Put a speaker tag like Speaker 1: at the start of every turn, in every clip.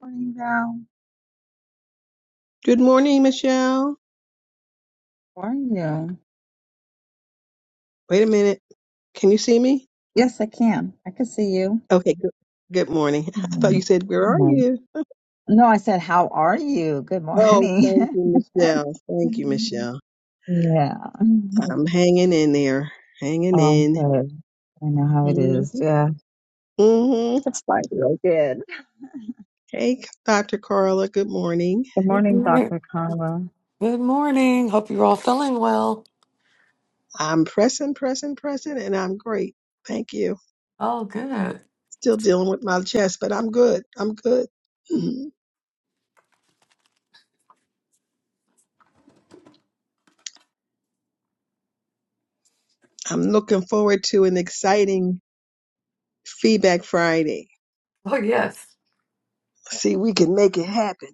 Speaker 1: Morning, Val.
Speaker 2: Good morning, Michelle.
Speaker 1: How are you?
Speaker 2: Wait a minute. Can you see me?
Speaker 1: Yes, I can. I can see you.
Speaker 2: Okay, good, good morning. I thought you
Speaker 1: Mm,
Speaker 2: said, Where
Speaker 1: Good
Speaker 2: are
Speaker 1: morning.
Speaker 2: you?
Speaker 1: No, I said, how are you? Good
Speaker 2: Oh, thank
Speaker 1: morning.
Speaker 2: you, Michelle. Thank you, Michelle.
Speaker 1: yeah.
Speaker 2: I'm hanging in there, hanging
Speaker 1: Oh,
Speaker 2: in.
Speaker 1: good. I know how it is.
Speaker 2: Mm-hmm.
Speaker 1: Yeah.
Speaker 2: hmm
Speaker 1: It's like real good.
Speaker 2: Hey, Dr. Carla, good morning.
Speaker 1: Good
Speaker 3: Good
Speaker 1: morning,
Speaker 3: morning.
Speaker 1: Dr. Carla.
Speaker 3: Good morning. Hope you're all feeling well.
Speaker 2: I'm pressing, pressing, pressing, and I'm great. Thank you.
Speaker 3: Oh, good.
Speaker 2: Still dealing with my chest, but I'm good. I'm good. Mhm. I'm looking forward to an exciting Feedback Friday.
Speaker 3: Oh, yes.
Speaker 2: See, we can make it happen.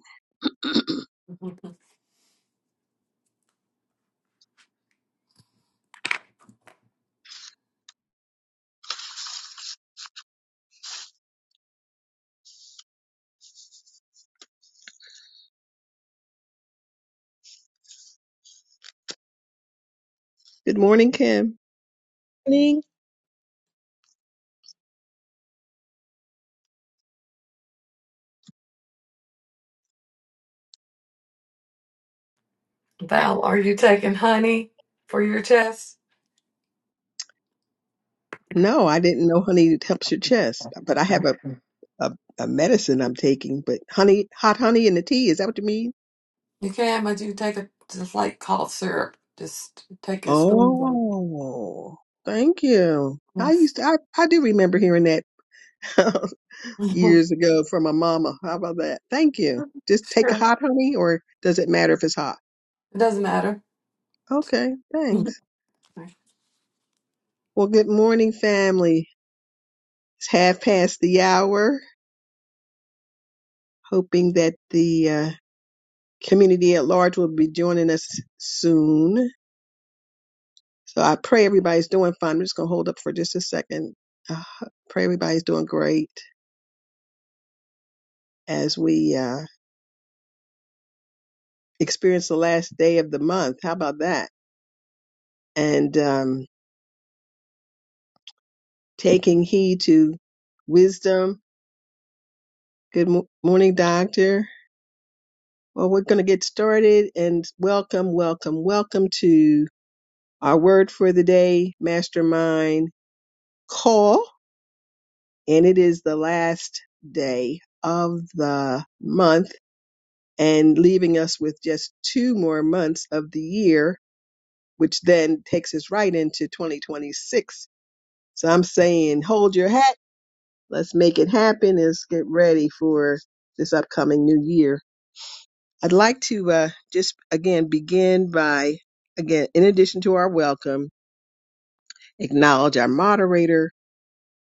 Speaker 2: Good morning, Kim.
Speaker 4: listening.
Speaker 3: Val, are you taking honey for your chest?
Speaker 2: No, I didn't know honey helps your chest, but I have a, a, a medicine I'm taking. But honey, hot honey in the tea, is that what you mean?
Speaker 3: You can, but you take a just like cough syrup. Just take a spoonful.
Speaker 2: Oh, thank you. I
Speaker 3: Yes.
Speaker 2: used to, I, I do remember hearing that
Speaker 3: sure.
Speaker 2: years ago from my mama. How about that? Thank you. Just take a hot honey, or does it matter if it's hot?
Speaker 3: It doesn't matter.
Speaker 2: Okay, thanks. Well, good morning, family. It's half past the hour. Hoping that the uh, community at large will be joining us soon. So I pray everybody's doing fine. I'm just going to hold up for just a second. Uh, pray everybody's doing great as we uh, experience the last day of the month. How about that? And um, taking heed to wisdom. Good mo- morning, Doctor. Well, we're going to get started and welcome, welcome, welcome to our word for the day, Mastermind Call. And it is the last day of the month and leaving us with just two more months of the year, which then takes us right into 2026. So I'm saying, hold your hat. Let's make it happen. Let's get ready for this upcoming new year. I'd like to uh, just again begin by, again, in addition to our welcome, acknowledge our moderator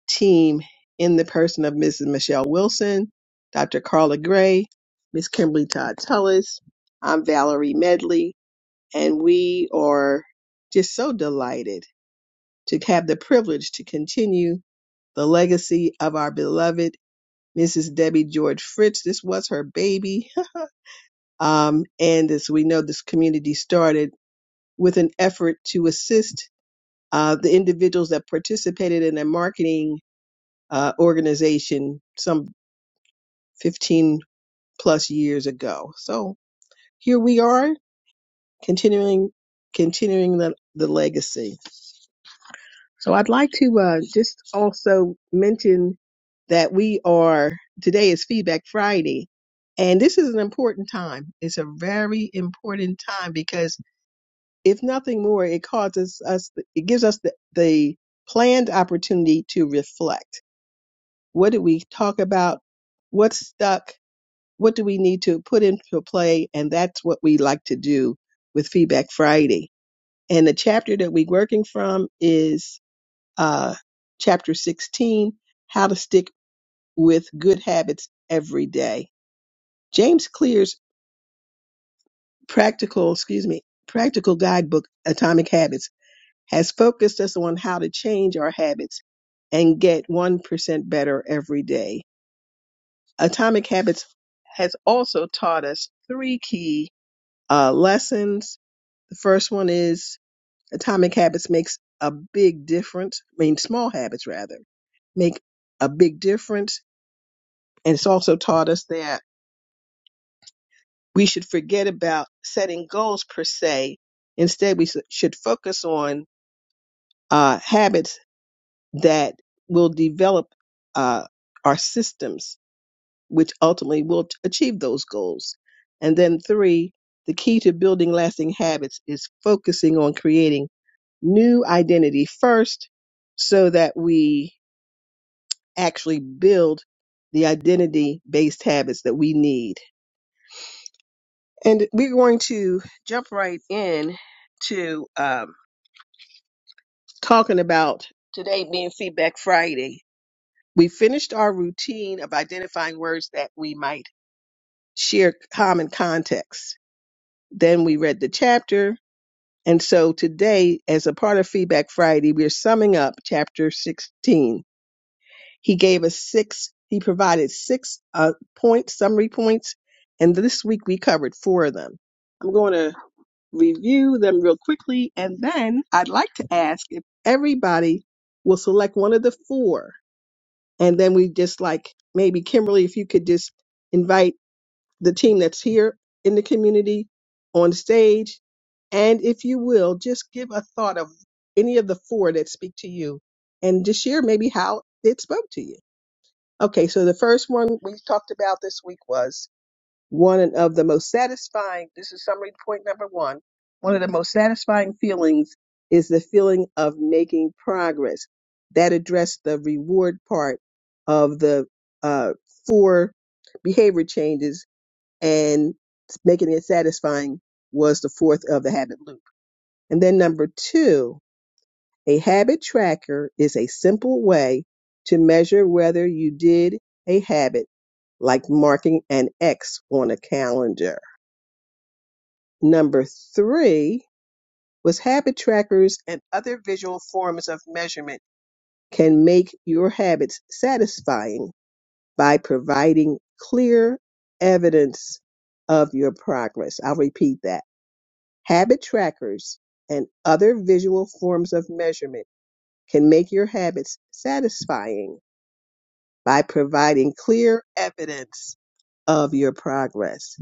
Speaker 2: team in the person of Mrs. Michelle Wilson, Dr. Carla Gray, Miss Kimberly Todd Tullis. I'm Valerie Medley, and we are just so delighted to have the privilege to continue the legacy of our beloved Mrs. Debbie George Fritz. This was her baby. Um, and as we know, this community started with an effort to assist uh, the individuals that participated in a marketing uh, organization some 15 plus years ago. So here we are continuing continuing the, the legacy. So I'd like to uh, just also mention that we are, today is Feedback Friday, and this is an important time. It's a very important time because if nothing more, it causes us, it gives us the, the planned opportunity to reflect. What did we talk about? What's stuck? What do we need to put into play? And that's what we like to do with Feedback Friday. And the chapter that we're working from is uh, chapter 16, How to Stick with Good Habits Every Day. James Clear's practical, excuse me, practical guidebook, Atomic Habits, has focused us on how to change our habits and get 1% better every day. Atomic Habits has also taught us three key uh, lessons. The first one is Atomic Habits makes a big difference, I mean, small habits rather, make a big difference And it's also taught us that we should forget about setting goals per se. Instead, we s- should focus on uh, habits that will develop uh, our systems, which ultimately will t- achieve those goals. And then, three, the key to building lasting habits is focusing on creating new identity first so that we actually build the identity based habits that we need And we're going to jump right in to um, talking about today being Feedback Friday. We finished our routine of identifying words that we might share common context. Then we read the chapter. And so today, as a part of Feedback Friday, we're summing up chapter 16 He gave us six, he provided six uh, points, summary points, and this week we covered four of them. I'm going to review them real quickly, and then I'd like to ask if everybody will select one of the four. And then we just like maybe Kimberly, if you could just invite the team that's here in the community on stage. And if you will, just give a thought of any of the four that speak to you and just share maybe how it spoke to you. Okay, so the first one we talked about this week was one of the most satisfying. This is summary point number one. One of the most satisfying feelings is the feeling of making progress. That addressed the reward part of the uh, four behavior changes, and making it satisfying was the fourth of the habit loop. And then number two a habit tracker is a simple way to measure whether you did a habit, like marking an X on a calendar. Number three was habit trackers and other visual forms of measurement can make your habits satisfying by providing clear evidence of your progress. I'll repeat that. Habit trackers and other visual forms of measurement can make your habits satisfying by providing clear evidence of your progress.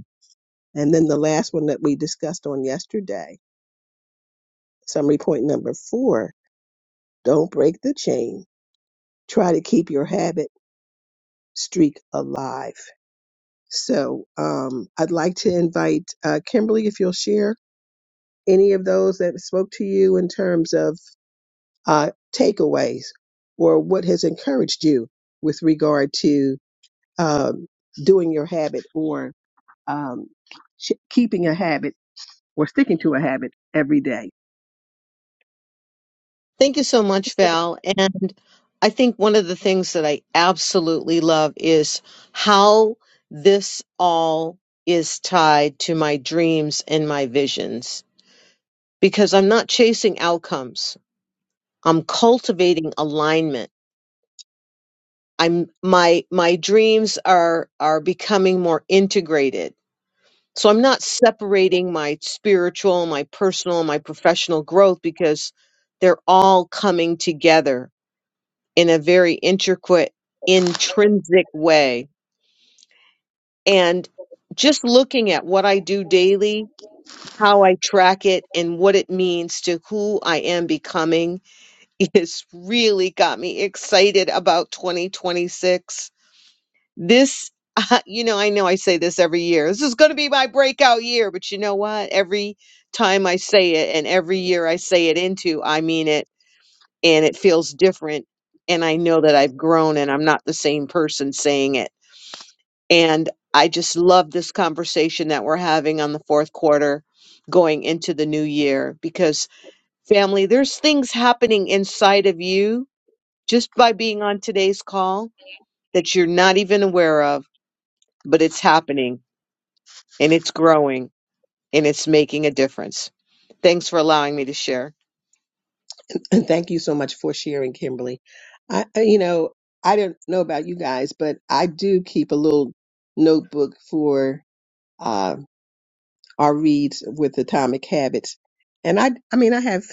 Speaker 2: And then the last one that we discussed on yesterday, summary point number four don't break the chain. Try to keep your habit streak alive. So um, I'd like to invite uh, Kimberly if you'll share any of those that spoke to you in terms of uh, takeaways or what has encouraged you with regard to um, doing your habit or um, sh- keeping a habit or sticking to a habit every day.
Speaker 4: Thank you so much, Val. And I think one of the things that I absolutely love is how this all is tied to my dreams and my visions because I'm not chasing outcomes. I'm cultivating alignment. I'm my my dreams are are becoming more integrated. So I'm not separating my spiritual, my personal, my professional growth because they're all coming together in a very intricate, intrinsic way. And just looking at what I do daily, how I track it, and what it means to who I am becoming is really got me excited about 2026. This, uh, you know, I know I say this every year. This is going to be my breakout year, but you know what? Every time I say it and every year I say it into, I mean it and it feels different. And I know that I've grown and I'm not the same person saying it. And I just love this conversation that we're having on the fourth quarter going into the new year because family, there's things happening inside of you just by being on today's call that you're not even aware of, but it's happening and it's growing and it's making a difference. Thanks for allowing me to share.
Speaker 2: And thank you so much for sharing, Kimberly. I, I- you know, I don't know about you guys, but I do keep a little notebook for uh, our reads with Atomic Habits, and I, I mean, I have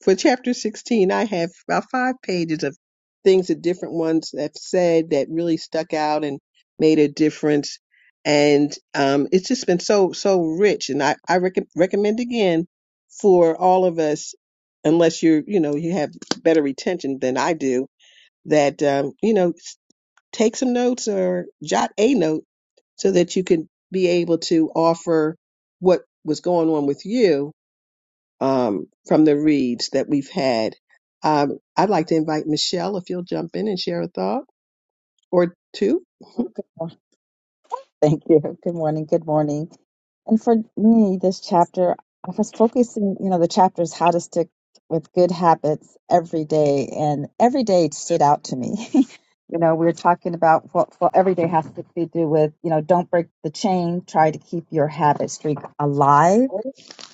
Speaker 2: for chapter 16, I have about five pages of things that different ones have said that really stuck out and made a difference. And um, it's just been so, so rich. And I, I rec- recommend again for all of us, unless you're, you know, you have better retention than I do, that, um, you know, s- take some notes or jot a note so that you can be able to offer what was going on with you um, from the reads that we've had. Um, I'd like to invite Michelle if you'll jump in and share a thought or two.
Speaker 1: Oh, good morning. Thank you. Good morning. Good morning. And for me, this chapter, I was focusing, you know, the chapter is how to stick with good habits every day, and every day stood out to me. you know, we are talking about what well, every day has to be do with, you know, don't break the chain, try to keep your habit streak alive.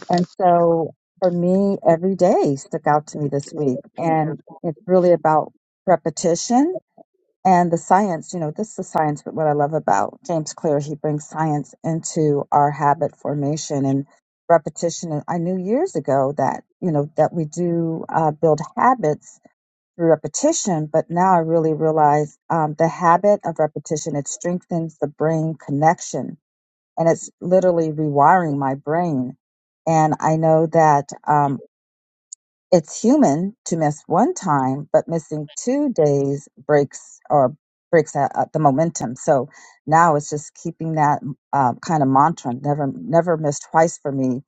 Speaker 1: And so for me, every day stuck out to me this week, and it's really about repetition and the science, you know, this is the science, but what I love about James Clear, he brings science into our habit formation and repetition. And I knew years ago that, you know, that we do uh, build habits through repetition, but now I really realize um, the habit of repetition, it strengthens the brain connection and it's literally rewiring my brain. And I know that um, it's human to miss one time, but missing two days breaks or breaks uh, uh, the momentum. So now it's just keeping that uh, kind of mantra, never, never miss twice for me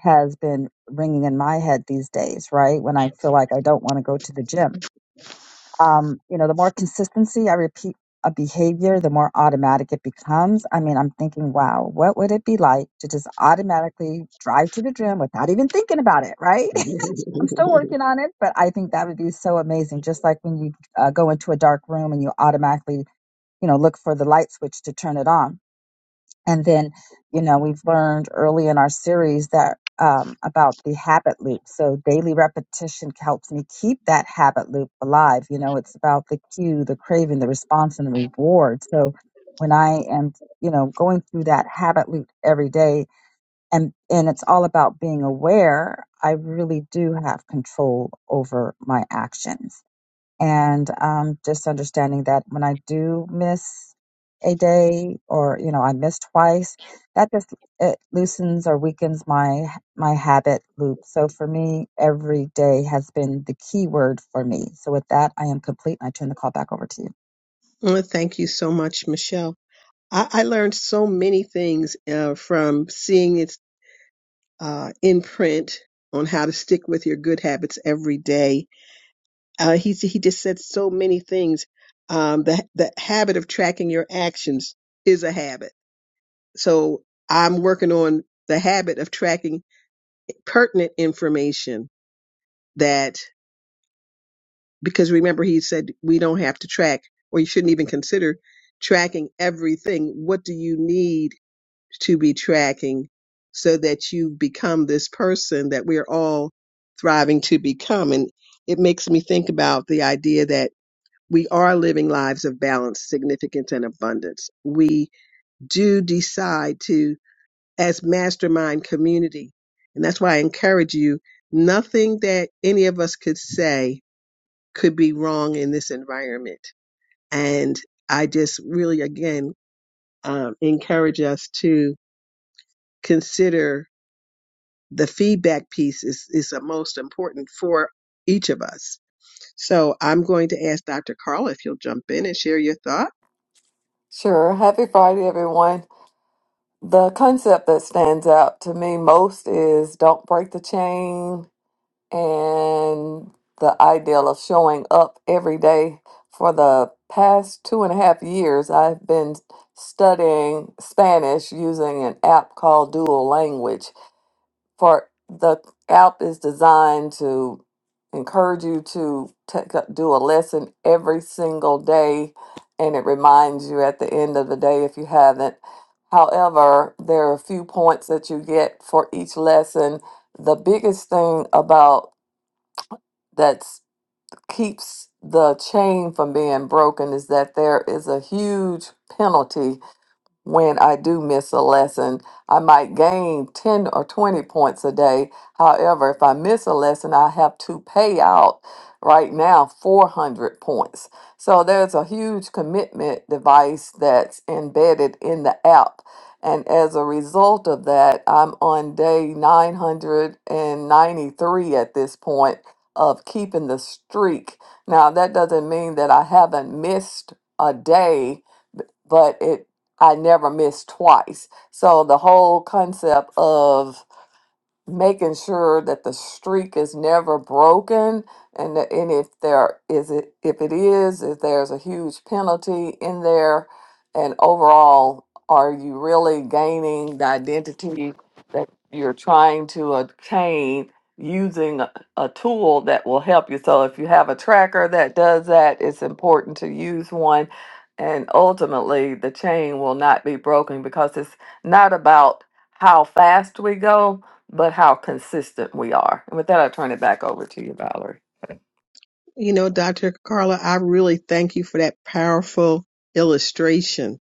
Speaker 1: has been ringing in my head these days, right? When I feel like I don't want to go to the gym. Um, you know, the more consistency I repeat a behavior, the more automatic it becomes. I mean, I'm thinking, wow, what would it be like to just automatically drive to the gym without even thinking about it, right? I'm still working on it, but I think that would be so amazing. Just like when you uh, go into a dark room and you automatically, you know, look for the light switch to turn it on. And then, you know, we've learned early in our series that um, about the habit loop. So daily repetition helps me keep that habit loop alive. You know, it's about the cue, the craving, the response, and the reward. So when I am, you know, going through that habit loop every day, and and it's all about being aware i really do have control over my actions and um, just understanding that when i do miss a day or you know i miss twice that just it loosens or weakens my my habit loop so for me every day has been the key word for me so with that i am complete and i turn the call back over to you
Speaker 2: Well, thank you so much, Michelle. I, I learned so many things uh, from seeing it uh, in print on how to stick with your good habits every day. Uh, he he just said so many things. Um, the the habit of tracking your actions is a habit. So I'm working on the habit of tracking pertinent information that, because remember he said we don't have to track or you shouldn't even consider tracking everything. What do you need to be tracking so that you become this person that we're all thriving to become? And it makes me think about the idea that we are living lives of balance, significance, and abundance. We do decide to as mastermind community. And that's why I encourage you nothing that any of us could say could be wrong in this environment. And I just really, again, um, encourage us to consider the feedback piece is, is the most important for each of us So I'm going to ask Dr. Carl if you'll jump in and share your thought.
Speaker 3: Sure. Happy Friday, everyone. The concept that stands out to me most is don't break the chain, and the ideal of showing up every day. For the past two and a half years, I've been studying Spanish using an app called Dual Language. For the app is designed to encourage you to take a, do a lesson every single day, and it reminds you at the end of the day if you haven't. However, there are a few points that you get for each lesson the biggest thing about that keeps the chain from being broken is that there is a huge penalty when I do miss a lesson. I might gain 10 or 20 points a day. However, if I miss a lesson, I have to pay out right now 400 points. So there's a huge commitment device that's embedded in the app. And as a result of that, I'm on day 993 at this point of keeping the streak. Now, that doesn't mean that I haven't missed a day but it I never missed twice. So the whole concept of making sure that the streak is never broken and that, and if there is it if it is if there's a huge penalty in there and overall are you really gaining the identity that you're trying to obtain using a, a tool that will help you so if you have a tracker that does that it's important to use one and ultimately the chain will not be broken because it's not about how fast we go but how consistent we are. And with that, I turn it back over to you, Valerie.
Speaker 2: You know, Dr. Carla, I really thank you for that powerful illustration.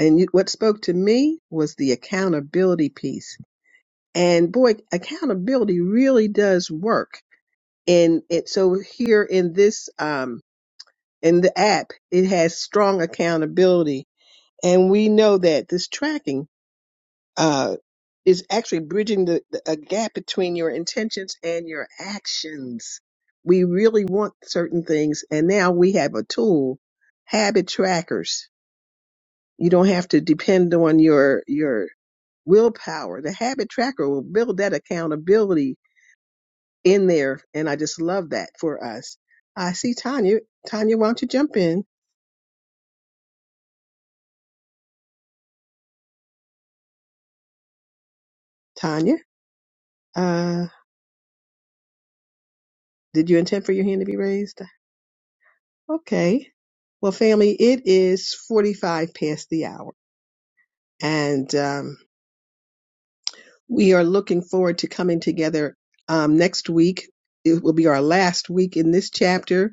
Speaker 2: And you, what spoke to me was the accountability piece. And boy, accountability really does work. And it, so here in this, um, and the app it has strong accountability and we know that this tracking uh, is actually bridging the, the a gap between your intentions and your actions we really want certain things and now we have a tool habit trackers you don't have to depend on your your willpower the habit tracker will build that accountability in there and i just love that for us i see tanya tanya why don't you jump in tanya Uh, Did you intend for your hand to be raised? Okay. Well, family, it is 45 past the hour, and um, we are looking forward to coming together um, next week. It will be our last week in this chapter,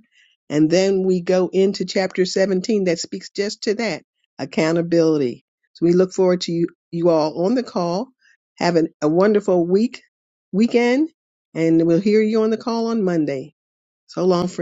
Speaker 2: and then we go into chapter 17 that speaks just to that accountability. So we look forward to you, you all on the call. Have an, a wonderful week, weekend, and we'll hear you on the call on Monday. So long, friends.